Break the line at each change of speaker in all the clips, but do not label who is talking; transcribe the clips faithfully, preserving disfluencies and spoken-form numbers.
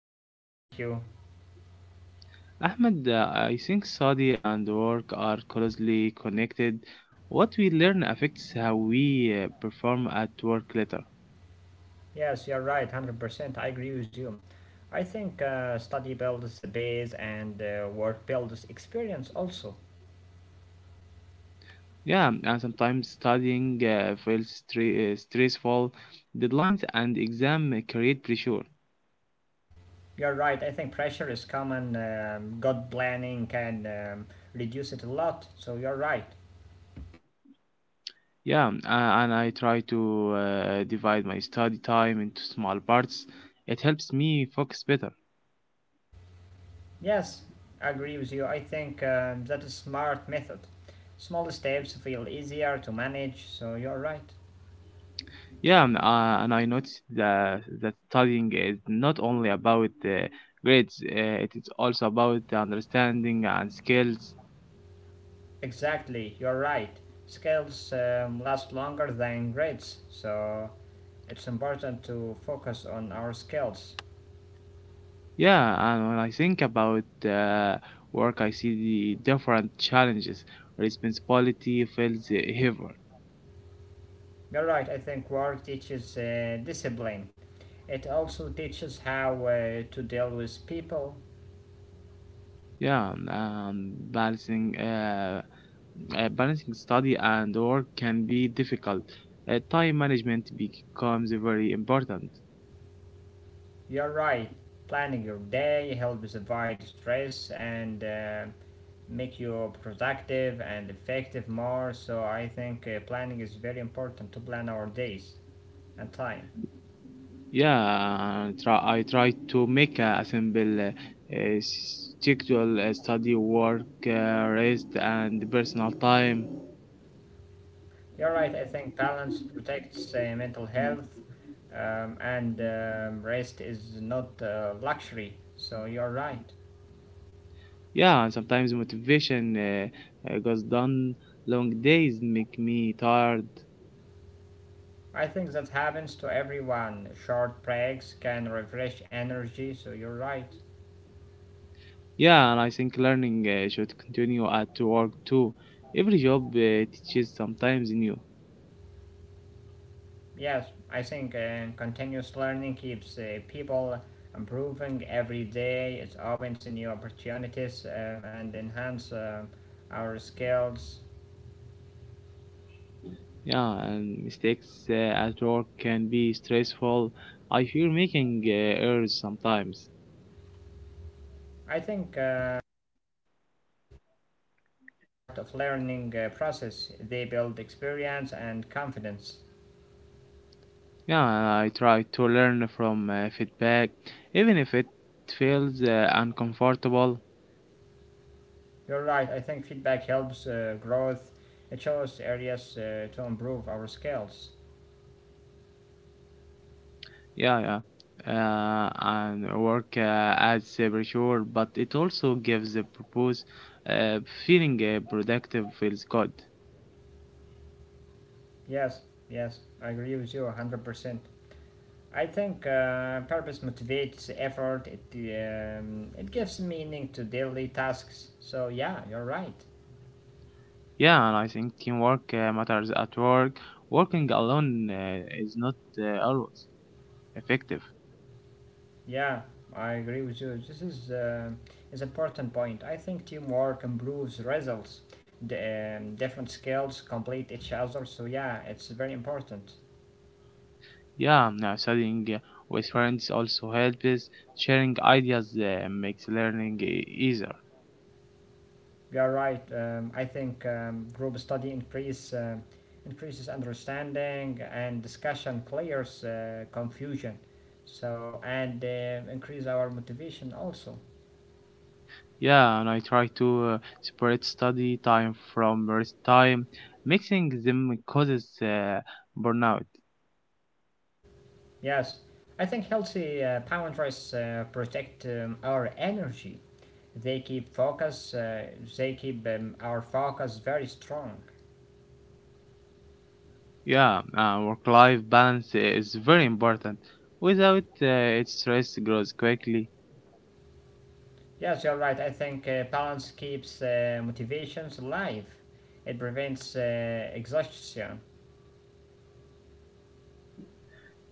great day, thank you.
Ahmed, uh, I think study and work are closely connected. What we learn affects how we uh, perform at work later.
Yes, you're right, one hundred percent, I agree with you. I think uh, study builds the base and uh, work builds experience also.
Yeah, and sometimes studying uh, feels stre- uh, stressful. Deadlines and exam create pressure.
You're right, I think pressure is common, um, good planning can um, reduce it a lot, so you're right.
Yeah, um, a- and I try to uh, divide my study time into small parts. It helps me focus better.
Yes, I agree with you, I think um, that is smart method. Small steps feel easier to manage, so you're right.
Yeah, and, uh, and I noticed that, that studying is not only about uh, grades, uh, it is also about the understanding and skills.
Exactly, you're right. Scales um, last longer than grades, so it's important to focus on our skills.
Yeah, and when I think about uh, work, I see the different challenges. Responsibility feels heavier.
You're right, I think work teaches uh, discipline. It also teaches how uh, to deal with people.
Yeah, and um, balancing, uh, uh, balancing study and work can be difficult. Uh, time management becomes very important.
You're right, planning your day helps avoid stress and uh, make you productive and effective more, so I think uh, planning is very important to plan our days and time.
Yeah, I try, I try to make a simple uh, uh, schedule, uh, study, work, uh, rest, and personal time.
You're right. I think balance protects uh, mental health, um, and um, rest is not uh, luxury. So you're right.
Yeah, and sometimes motivation uh, uh, goes down. Long days make me tired.
I think that happens to everyone. Short breaks can refresh energy. So you're right.
Yeah, and I think learning uh, should continue at work too. Every job uh, teaches sometimes new.
Yes, I think uh, continuous learning keeps uh, people improving every day. It opens new opportunities um, and enhance um our skills.
Yeah, and mistakes uh, at work can be stressful. I fear making uh, errors sometimes.
I think. Um, Mistakes are part of learning uh, process. They build experience and confidence.
Yeah, I try to learn from uh, feedback, even if it feels uh, uncomfortable.
You're right. I think feedback helps uh, growth. It shows areas uh, to improve our skills.
Yeah, yeah. Uh, and work uh, as a brochure, but it also gives the purpose. Uh, Feeling uh, productive feels good.
Yes, yes, I agree with you one hundred percent. I think uh, purpose motivates effort. It um, it gives meaning to daily tasks. So yeah, you're right.
Yeah, and I think teamwork uh, matters at work. Working alone uh, is not uh, always effective.
Yeah, I agree with you. This is uh, is important point. I think teamwork improves results. The, um, different skills complete each other, so yeah, it's very important.
Yeah, now studying uh, with friends also helps. Sharing ideas uh, makes learning uh, easier.
You are right. Um, I think um, group study increase uh, increases understanding and discussion clears uh, confusion. So and uh, increase our motivation also.
Yeah, and I try to uh, separate study time from rest time. Mixing them causes uh, burnout.
Yes, I think healthy uh, boundaries uh, protect um, our energy. They keep focus. Uh, they keep um, our focus very strong.
Yeah, uh, work-life balance is very important. Without uh, it, stress grows quickly.
Yes, you're right. I think uh, balance keeps uh, motivations alive. It prevents uh, exhaustion.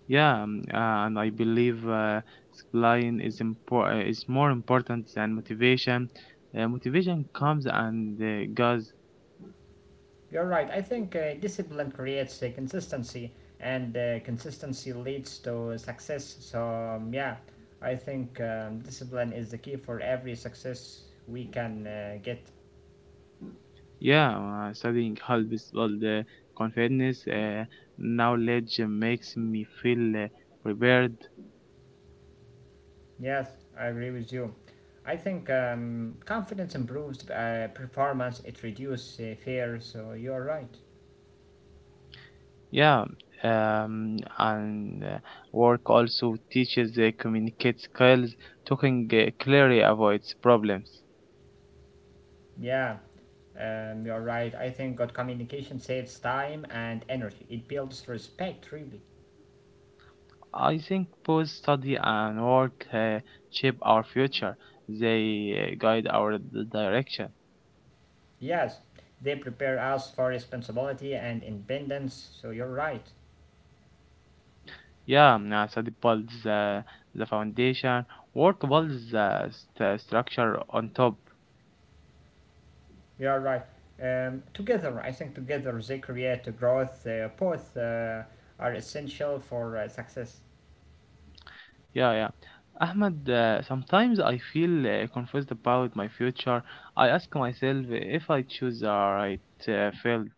Yeah, um, uh, and I believe uh, discipline is impor- uh, is more important than motivation. Uh, motivation comes and uh, goes.
You're right. I think uh, discipline creates uh, consistency, and uh, consistency leads to success. So um, yeah, I think um, discipline is the key for every success we can uh, get.
Yeah, uh, studying helps build uh, confidence. Uh, knowledge makes me feel uh, prepared.
Yes, I agree with you. I think um, confidence improves uh, performance. It reduces uh, fear. So you're right.
Yeah, um, and uh, work also teaches uh, communicate skills. Talking uh, clearly avoids problems.
Yeah, um, you're right. I think good communication saves time and energy. It builds respect, really.
I think both study and work uh, shape our future. They uh, guide our d- direction.
Yes, they prepare us for responsibility and independence. So you're right.
Yeah, uh, study builds uh, the foundation. Work builds the st- structure on top.
You're right. Um, together, I think together they create growth. Uh, both uh, are essential for uh, success.
Yeah, yeah. Ahmed, uh, sometimes I feel uh, confused about my future. I ask myself if I choose the right uh, field.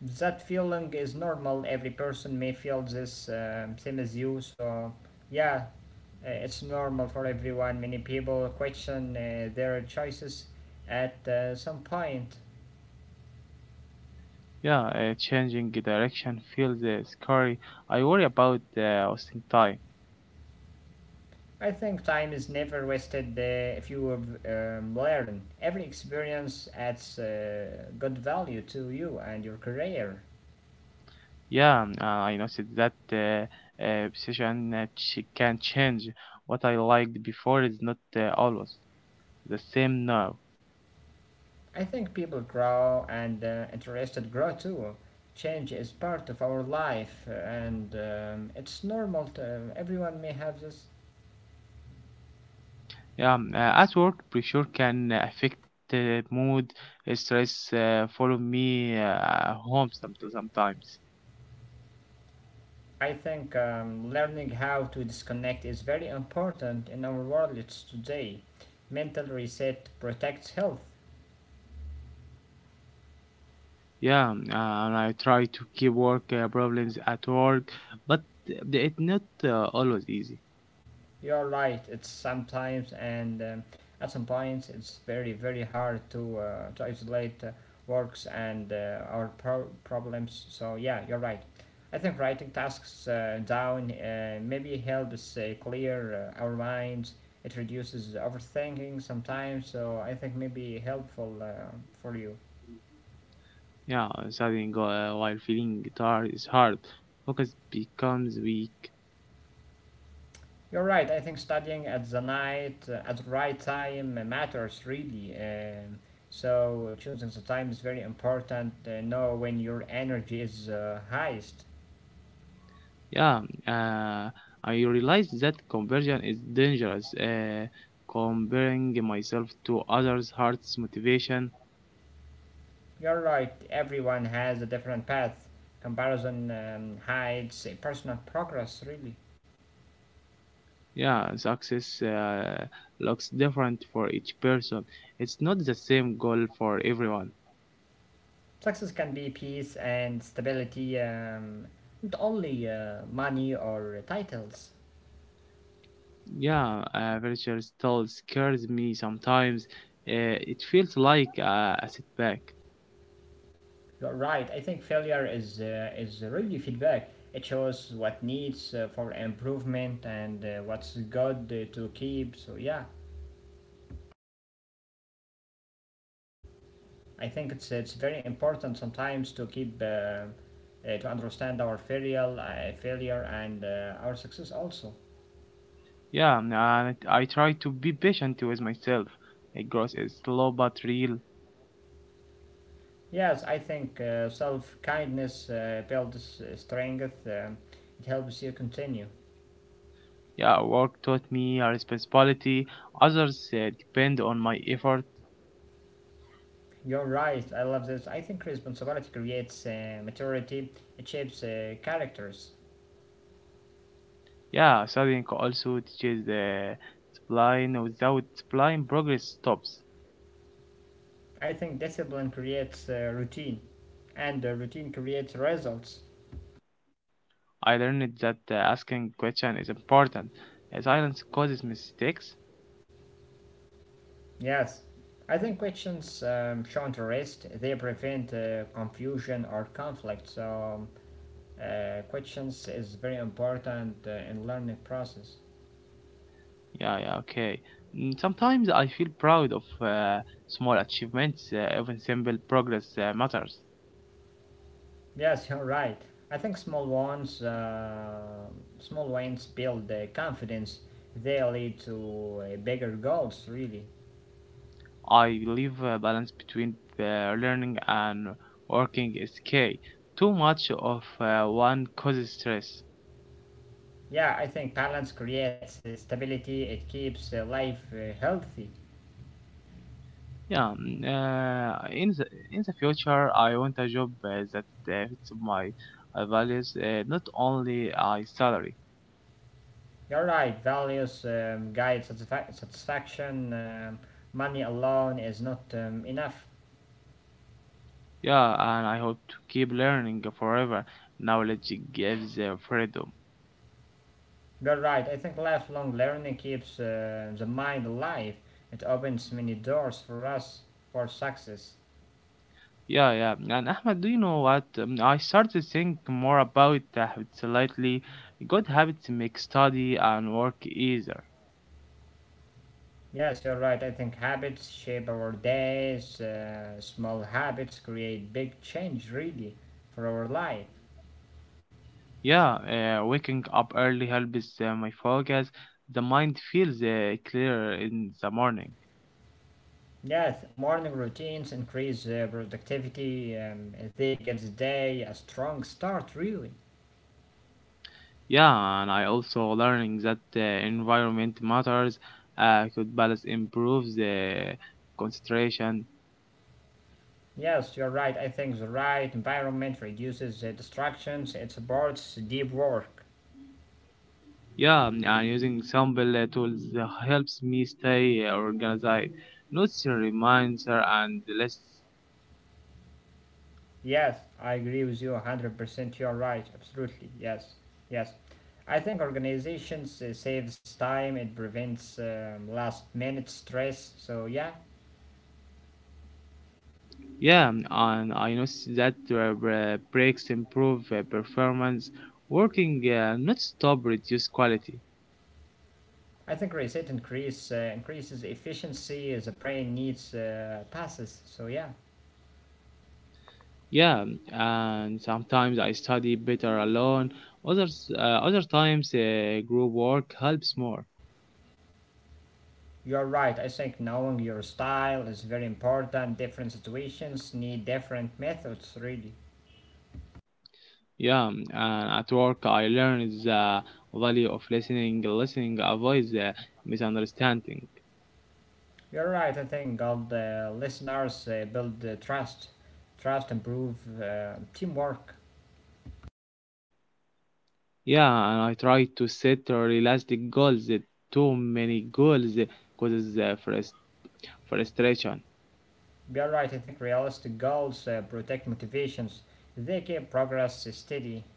that feeling is normal. Every person may feel this um, same as you, so yeah. Uh, it's normal for everyone. Many people question uh, their choices at uh, some point.
Yeah, uh, changing direction feels uh, scary. I worry about uh, wasting time.
I think time is never wasted uh, if you um, learn. Every experience adds uh, good value to you and your career.
Yeah, um, uh, I noticed that uh, uh, position that she can change. What I liked before is not uh, always the same now.
I think people grow and uh, interested grow too. Change is part of our life, and um, it's normal. To, everyone may have this.
Yeah, um, uh, at work, pressure can affect uh, mood, uh, stress, uh, follow me uh, home some- sometimes.
I think um, learning how to disconnect is very important in our world today. Mental reset protects health.
Yeah, um, uh, and I try to keep work uh, problems at work, but it's not uh, always easy.
You're right. It's sometimes and um, at some points it's very very hard to uh, to isolate uh, works and uh, our pro- problems. So yeah, you're right. I think writing tasks uh, down uh, maybe helps uh, clear uh, our minds. It reduces overthinking sometimes. So I think maybe helpful uh, for you.
Yeah, studying uh, while feeling guitar is hard. Focus becomes weak.
You're right. I think studying at the night, uh, at the right time, uh, matters really. Um, so choosing the time is very important. Uh, know when your energy is uh, highest.
Yeah, uh, I realized that conversion is dangerous. Uh, comparing myself to others hurts motivation.
You're right. Everyone has a different path. Comparison um, hides uh, personal progress. Really,
Yeah, success uh, looks different for each person. It's not the same goal for everyone.
success can be peace and stability, um, not only uh, money or titles.
Yeah, uh, virtual still scares me sometimes. Uh, it feels like uh, a setback.
You're right. I think failure is uh, is really feedback. It shows what needs uh, for improvement and uh, what's good uh, to keep. So yeah, I think it's it's very important sometimes to keep uh, uh, to understand our failure, uh, failure and uh, our success also.
Yeah, and I try to be patient with myself. Uh, Growth is slow but real.
Yes, I think uh, self kindness uh, builds uh, strength. Um, it helps you continue.
Yeah, work taught me a responsibility. Others uh, depend on my effort.
You're right. I love this. I think responsibility creates uh, maturity. It shapes uh, characters.
Yeah, studying also teaches uh, discipline. Without discipline, progress stops.
I think discipline creates uh, routine, and uh, routine creates results.
I learned that uh, asking question is important. Uh, silence causes mistakes.
Yes, I think questions um, shan't rest, they prevent uh, confusion or conflict. So, um, uh, questions is very important uh, in learning process.
Yeah, yeah, okay. Mm, Sometimes I feel proud of uh, small achievements. Uh, even simple progress uh, matters.
Yes, you're right. I think small ones, uh, small wins build uh, confidence. They lead to uh, bigger goals, really.
I believe a balance between the learning and working is key. Too much of uh, one causes stress.
Yeah, I think balance creates uh, stability. It keeps uh, life uh, healthy.
Yeah, mm, uh, in the in the future, I want a job uh, that uh, fits my uh, values, uh, not only a salary.
You're right. Values um, guide satisfa- satisfaction. Um, money alone is not um, enough.
Yeah, and I hope to keep learning forever. Knowledge gives uh, freedom.
You're right. I think lifelong learning keeps uh, the mind alive. It opens many doors for us for success.
Yeah, yeah. And Ahmed, do you know what? Um, I started to think more about the habits lately. Good habits make study and work easier.
Yes, you're right. I think habits shape our days. Uh, small habits create big change, really, for our life.
Yeah, uh, waking up early helps uh, my focus. The mind feels uh, clearer in the morning.
Yes, morning routines increase uh, productivity. Um, they give the day a strong start, really.
Yeah, and I also learning that uh, environment matters. Uh, good balance improves the concentration.
Yes, you're right. I think the right environment reduces the distractions and supports deep work.
Yeah, mm, and using simple uh, tools uh, helps me stay uh, organized. Notes, reminder, and lists.
Yes, I agree with you one hundred percent. You're right. Absolutely. Yes. Yes. I think organizations uh, saves time, it prevents um, last minute stress. So, yeah,
Yeah, mm, and I notice that uh, bre- breaks improve uh, performance. Working uh, not stop reduce quality.
I think reset increase, uh, increases efficiency as the brain needs uh, passes. So, yeah.
Yeah, mm, and sometimes I study better alone. Others, uh, other times, uh, group work helps more.
You're right. I think knowing your style is very important. Different situations need different methods, really.
Yeah, mm, and at work I learn the value of listening. Listening avoids uh, misunderstanding.
You're right. I think all the listeners uh, build uh, trust, trust, improve uh, teamwork.
Yeah, and I try to set realistic goals. Uh, Too many goals uh, causes uh, frust- frustration.
You're right. I think realistic goals uh, protect motivations. They keep progress steady.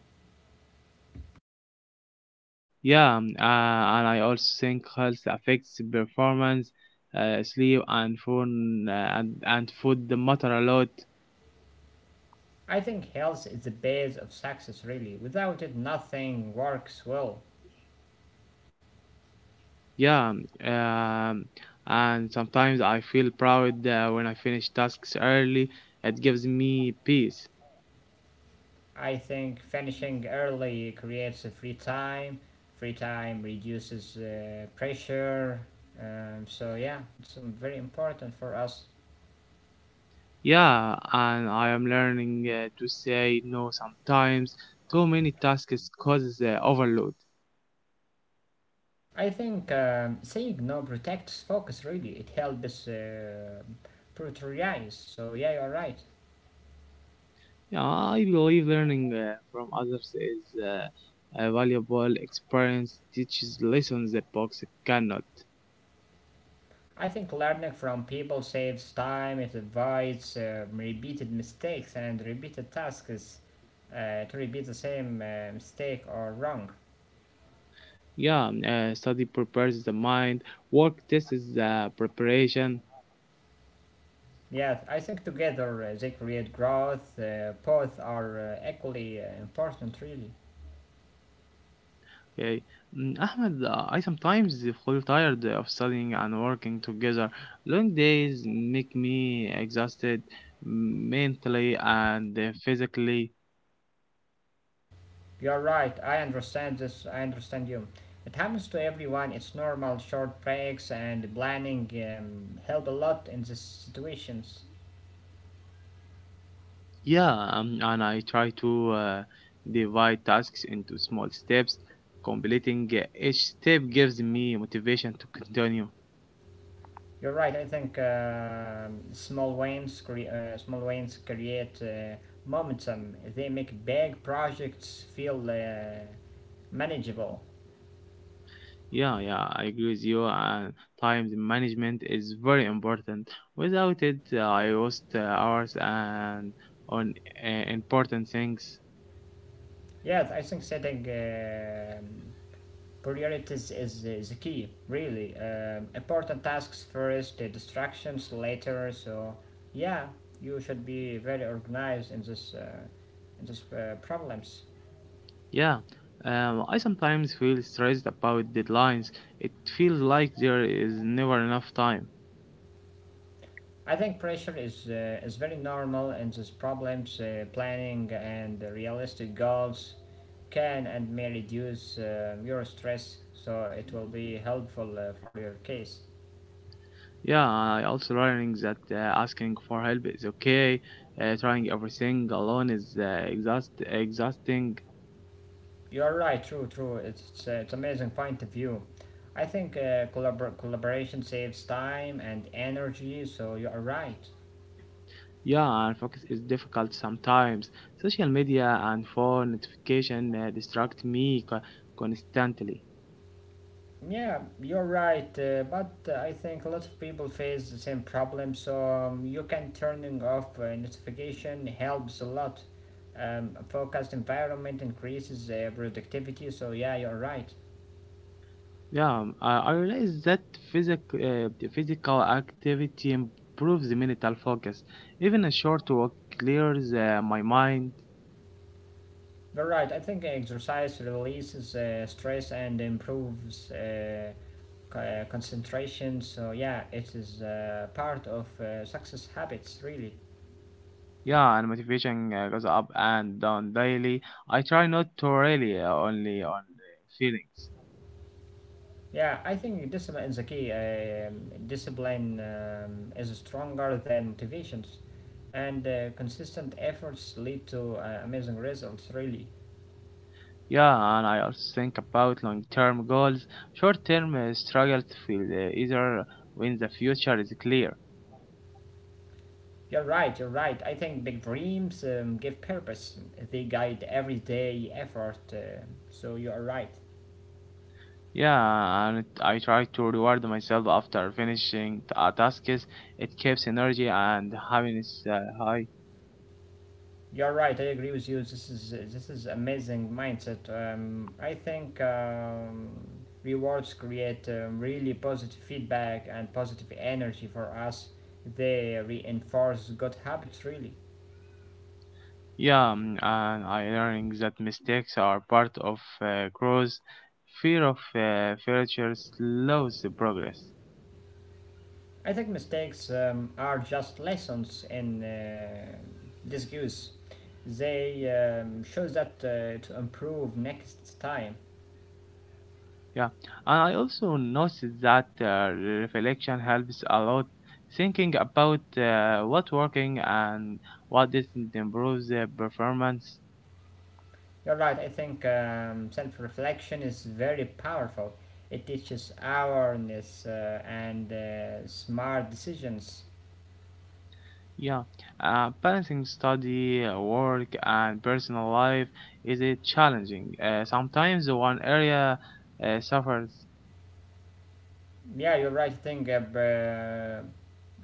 Yeah, um, uh, and I also think health affects performance, uh, sleep, and phone uh, and, and food matter a lot.
I think health is the base of success. Really, without it, nothing works well.
Yeah, um, and sometimes I feel proud uh, when I finish tasks early. It gives me peace.
I think finishing early creates a free time. Free time reduces uh, pressure. Um, so yeah, it's um, very important for us.
Yeah, and I am learning uh, to say no sometimes. Too many tasks causes uh, overload.
I think um, saying no protects focus really. It helps uh, prioritize. So yeah, you're right.
Yeah, I believe learning uh, from others is uh, a valuable experience. Teaches lessons the books cannot.
I think learning from people saves time. It avoids uh, repeated mistakes and repeated tasks uh, to repeat the same uh, mistake or wrong.
Yeah, uh, study prepares the mind. Work tests the preparation.
Yeah, I think together uh, they create growth. Uh, both are uh, equally uh, important, really.
Okay. Mm, Ahmed, uh, I sometimes feel tired of studying and working together. Long days make me exhausted mm, mentally and uh, physically.
You're right, I understand this, I understand you. It happens to everyone, it's normal. Short breaks and planning um, help a lot in these situations.
Yeah, um, and I try to uh, divide tasks into small steps. Completing uh, each step gives me motivation to continue.
You're right, I think uh, small wins, cre- uh, small wins create uh, momentum. They make big projects feel uh, manageable.
Yeah, yeah, I agree with you. And time management is very important. Without it, uh, I lost uh, hours and on uh, important things.
Yeah, I think setting um Priority is, is, is the key, really. Um, important tasks first, the distractions later. So yeah, you should be very organized in this uh, in these uh, problems.
Yeah, um, I sometimes feel stressed about deadlines. It feels like there is never enough time.
I think pressure is uh, is very normal in these problems. Uh, planning and realistic goals can and may reduce uh, your stress, so it will be helpful uh, for your case.
Yeah, I also learning that uh, asking for help is okay. Uh, trying everything alone is uh, exhaust exhausting.
You're right, true, true. It's it's, uh, it's amazing point of view. I think uh, collabor- collaboration saves time and energy, so you are right.
Yeah, and focus is difficult sometimes. Social media and phone notification uh, distract me co- constantly.
Yeah, you're right, uh, but uh, I think a lot of people face the same problem, so um, you can turning off uh, notification helps a lot. Um, a focused environment increases uh, productivity, so yeah, you're right.
Yeah, um, I I realize that physic uh, the physical activity improves the mental focus. Even a short walk clears uh, my mind.
You're right. I think exercise releases uh, stress and improves uh, co- uh, concentration. So yeah, it is uh, part of uh, success habits, really.
Yeah, and motivation uh, goes up and down daily. I try not to rely uh, only on the feelings.
Yeah, I think discipline is the key. Um, discipline um, is stronger than motivations, and uh, consistent efforts lead to uh, amazing results. Really,
Yeah, and I also think about long-term goals. Short-term uh, struggle feel uh, either when the future is clear.
you're right. You're right. I think big dreams um, give purpose. They guide everyday effort. Uh, so you are right.
Yeah, and it- I try to reward myself after finishing t- a task. It keeps energy and happiness uh, high.
You're right. I agree with you. This is this is amazing mindset. Um, I think um, rewards create um, really positive feedback and positive energy for us. They reinforce good habits. Really,
Yeah, mm, and I learning that mistakes are part of uh, growth. Fear of uh, failure slows the progress.
I think mistakes um, are just lessons in uh, disguise. They um, show that uh, to improve next time.
Yeah, and I also noticed that uh, reflection helps a lot. Thinking about uh, what working and what didn't improve the performance.
You're right. I think um, self reflection is very powerful. It teaches awareness uh, and uh, smart decisions.
Yeah, uh, balancing study, uh, work, and personal life is a challenging. Uh, sometimes one area uh, suffers.
Yeah, you're right. I think uh, b-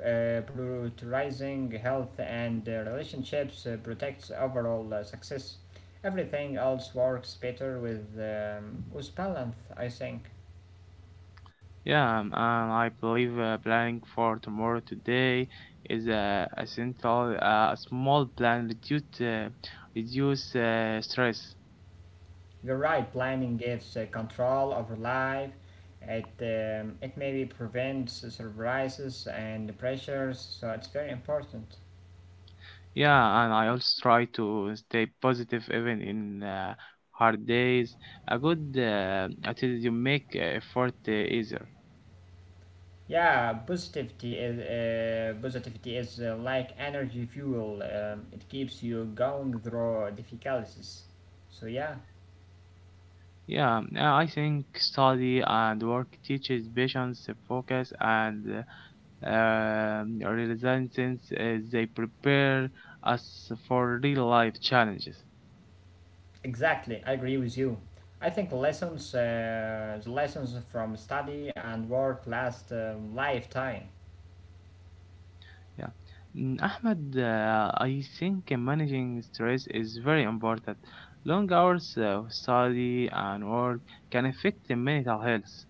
uh, prioritizing health and uh, relationships uh, protects overall uh, success. Everything else works better with, um, with balance, I think.
Yeah, um, and I believe uh, planning for tomorrow today is uh, essential. Uh, a small plan reduce uh, reduce uh, stress.
You're right. Planning gives uh, control over life. It um, it maybe prevents surprises and pressures. So it's very important.
Yeah, and I also try to stay positive even in uh, hard days. A good uh, attitude you make uh, effort uh, easier.
Yeah, positivity is uh, positivity is uh, like energy fuel. Um, it keeps you going through difficulties. So yeah,
Yeah, uh, I think study and work teaches patience, uh, focus, and uh, um, resilience. uh, They prepare us for real life challenges.
exactly. I agree with you. I think lessons, uh, the lessons from study and work last a lifetime.
Yeah. Mm, Ahmed, uh, I think managing stress is very important. Long hours of study and work can affect the mental health.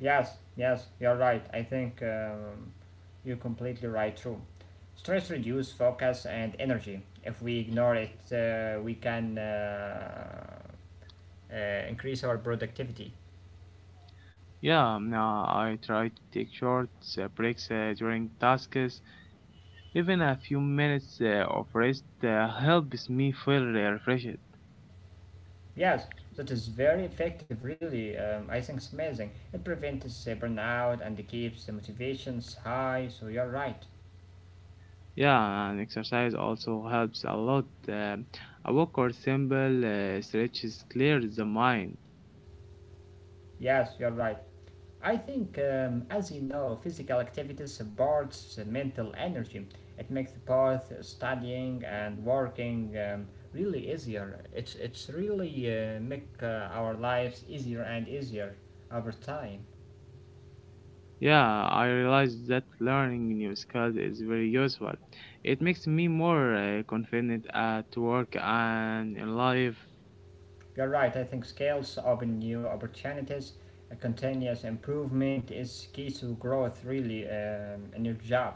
Yes, yes, you're right. I think um, you're completely right, too. Stress reduces focus and energy. If we ignore it, uh, we can uh, uh, increase our productivity.
Yeah, mm, uh, I try to take short uh, breaks uh, during tasks. Even a few minutes uh, of rest uh, helps me feel uh, refreshed.
Yes, that is very effective, really. Um, I think it's amazing. It prevents uh, burnout and keeps the motivations high, so you're right.
Yeah, and exercise also helps a lot. Um a walk or simple uh, stretches clears the mind.
Yes, you're right. I think, um, as you know, physical activity supports mental energy. It makes both studying and working um, really easier. It's it's really uh, make uh, our lives easier and easier over time.
Yeah, I realized that learning new skills is very useful. It makes me more uh, confident at work and in life.
You're right. I think skills open new opportunities. A continuous improvement is key to growth, really, um, in your job.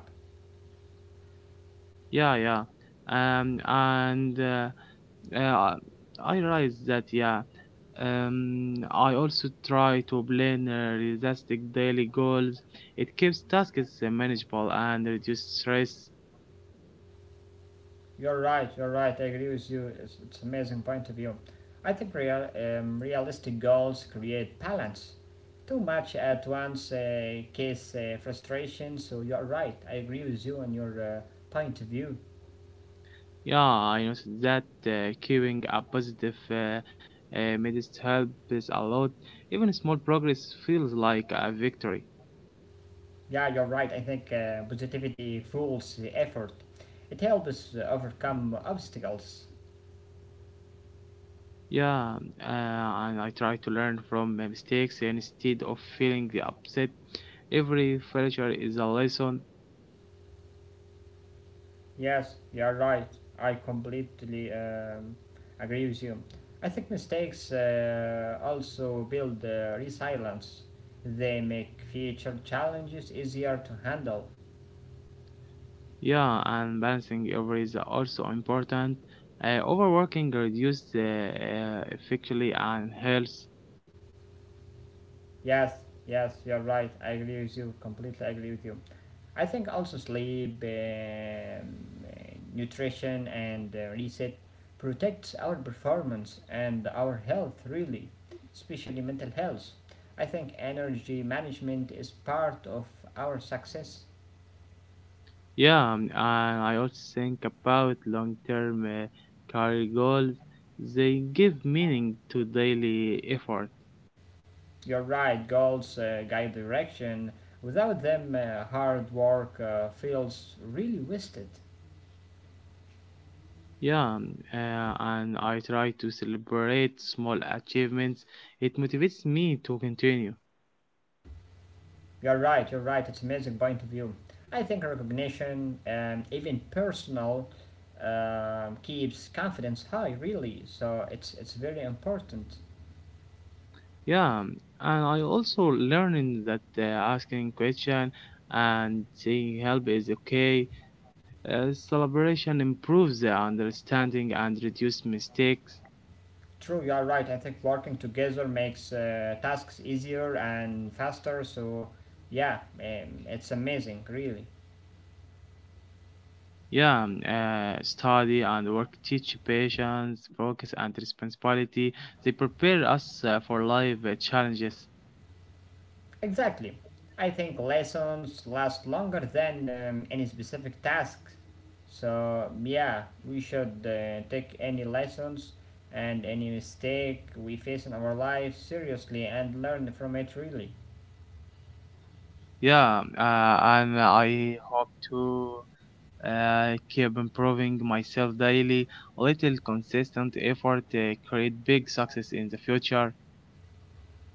Yeah, yeah. Um, and uh, uh, I realized that, yeah. Um, I also try to plan uh, realistic daily goals. It keeps tasks uh, manageable and reduces stress.
You're right, you're right, I agree with you. It's, it's an amazing point of view. I think real, um, realistic goals create balance. Too much at once uh, causes uh, frustration, so you're right. I agree with you on your uh, point of view.
Yeah, I noticed that uh, keeping a positive uh, uh, mindset helps a lot. Even small progress feels like a victory.
Yeah, you're right. I think uh, positivity fuels effort. It helps us overcome obstacles.
Yeah, uh, and I try to learn from my mistakes instead of feeling upset. Every failure is a lesson.
Yes, you're right. I completely um, agree with you. I think mistakes uh, also build uh, resilience. They make future challenges easier to handle.
Yeah, and balancing every is also important. Uh, overworking reduces uh, uh, effectively and health.
Yes, yes, you're right. I agree with you. Completely agree with you. I think also sleep, um, uh, nutrition, and uh, reset protects our performance and our health, really, especially mental health. I think energy management is part of our success.
Yeah, um, and I also think about long term uh, career goals. They give meaning to daily effort.
You're right, goals uh, guide direction. Without them, uh, hard work uh, feels really wasted.
Yeah, um, uh, and I try to celebrate small achievements. It motivates me to continue.
You're right, you're right, it's an amazing point of view. I think recognition, and even personal, um, keeps confidence high, really. So it's it's very important.
Yeah, um, and I also learning that uh, asking question and seeking help is okay. Uh, celebration improves the understanding and reduce mistakes.
True, you are right. I think working together makes uh, tasks easier and faster. So yeah, um, it's amazing, really.
Yeah, um, uh, study and work teach patience, focus, and responsibility. They prepare us uh, for life uh, challenges.
Exactly. I think lessons last longer than um, any specific task. So, yeah, we should uh, take any lessons and any mistake we face in our life seriously and learn from it really.
Yeah, uh, and I hope to uh, keep improving myself daily. A little consistent effort uh, create big success in the future.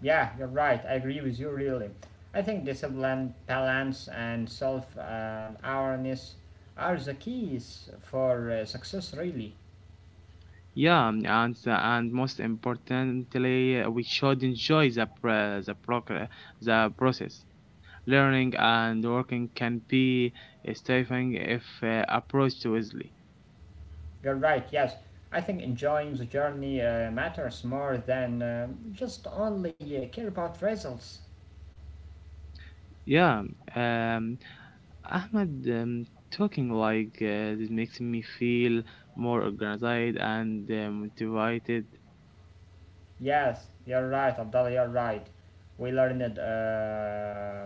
Yeah, you're right. I agree with you really. I think discipline, balance, and self um, awareness are the keys for uh, success really.
Yeah, um, and and most importantly, uh, we should enjoy the pr- the progress, the process. Learning and working can be stifling if uh, approached wisely.
You're right, yes. I think enjoying the journey uh, matters more than uh, just only uh, care about results.
Yeah, um, Ahmed, um, talking like uh, this makes me feel more organized and uh, motivated.
Yes, you're right, Abdallah, you're right. We learned uh,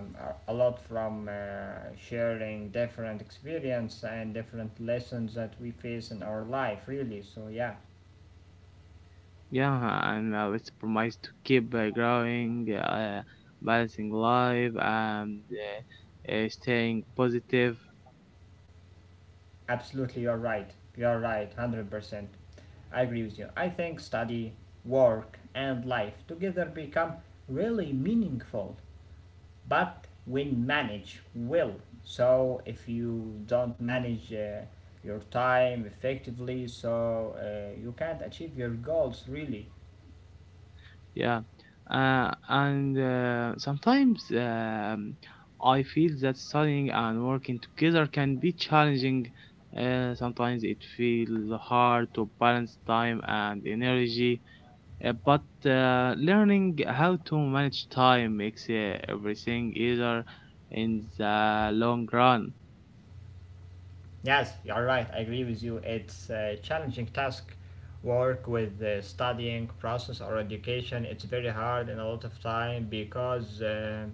a lot from uh, sharing different experience and different lessons that we face in our life, really. So, yeah,
Yeah, and uh, it's promise to keep uh, growing, uh, balancing life, and uh, uh, staying positive.
absolutely, you're right. You're right, one hundred percent. I agree with you. I think study, work, and life together become really meaningful, but when manage well. So if you don't manage uh, your time effectively, so uh, you can't achieve your goals really.
Yeah, uh, and uh, sometimes um, I feel that studying and working together can be challenging. Uh, sometimes it feels hard to balance time and energy, uh, but uh, learning how to manage time makes uh, everything easier in the long run.
Yes, you're right. I agree with you. It's a challenging task. Work with the studying process or education. It's very hard and a lot of time because um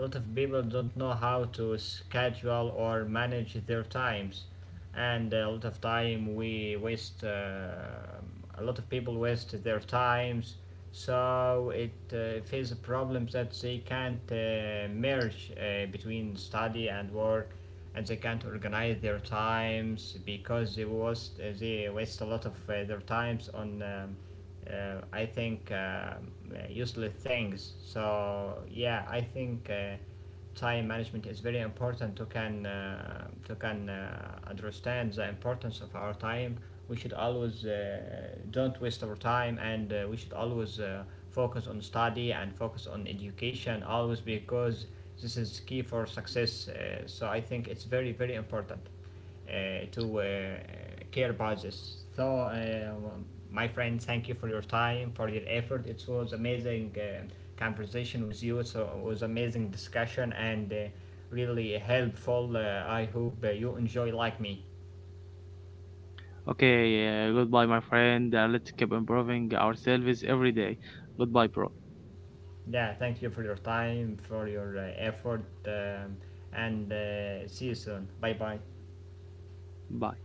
a lot of people don't know how to schedule or manage their times, and a lot of time we waste uh, a lot of people waste their times, so it uh, faces problems that they can't uh, merge uh, between study and work, and they can't organize their times because they waste, uh, they waste a lot of uh, their times on um, uh, I think um, uh, useless things. So yeah, I think uh, time management is very important to can uh, to can uh, understand the importance of our time. We should always uh, don't waste our time, and uh, we should always uh, focus on study and focus on education always because this is key for success. Uh, so I think it's very very important uh, to uh, care about this. So, uh, my friend, thank you for your time, for your effort. It was amazing uh, conversation with you. So it was amazing discussion and uh, really helpful. uh, I hope uh, you enjoy like me.
Okay, uh, goodbye, my friend. Uh, let's keep improving ourselves every day. Goodbye, bro.
Yeah, thank you for your time, for your uh, effort, um, and uh, see you soon. Bye bye.
Bye.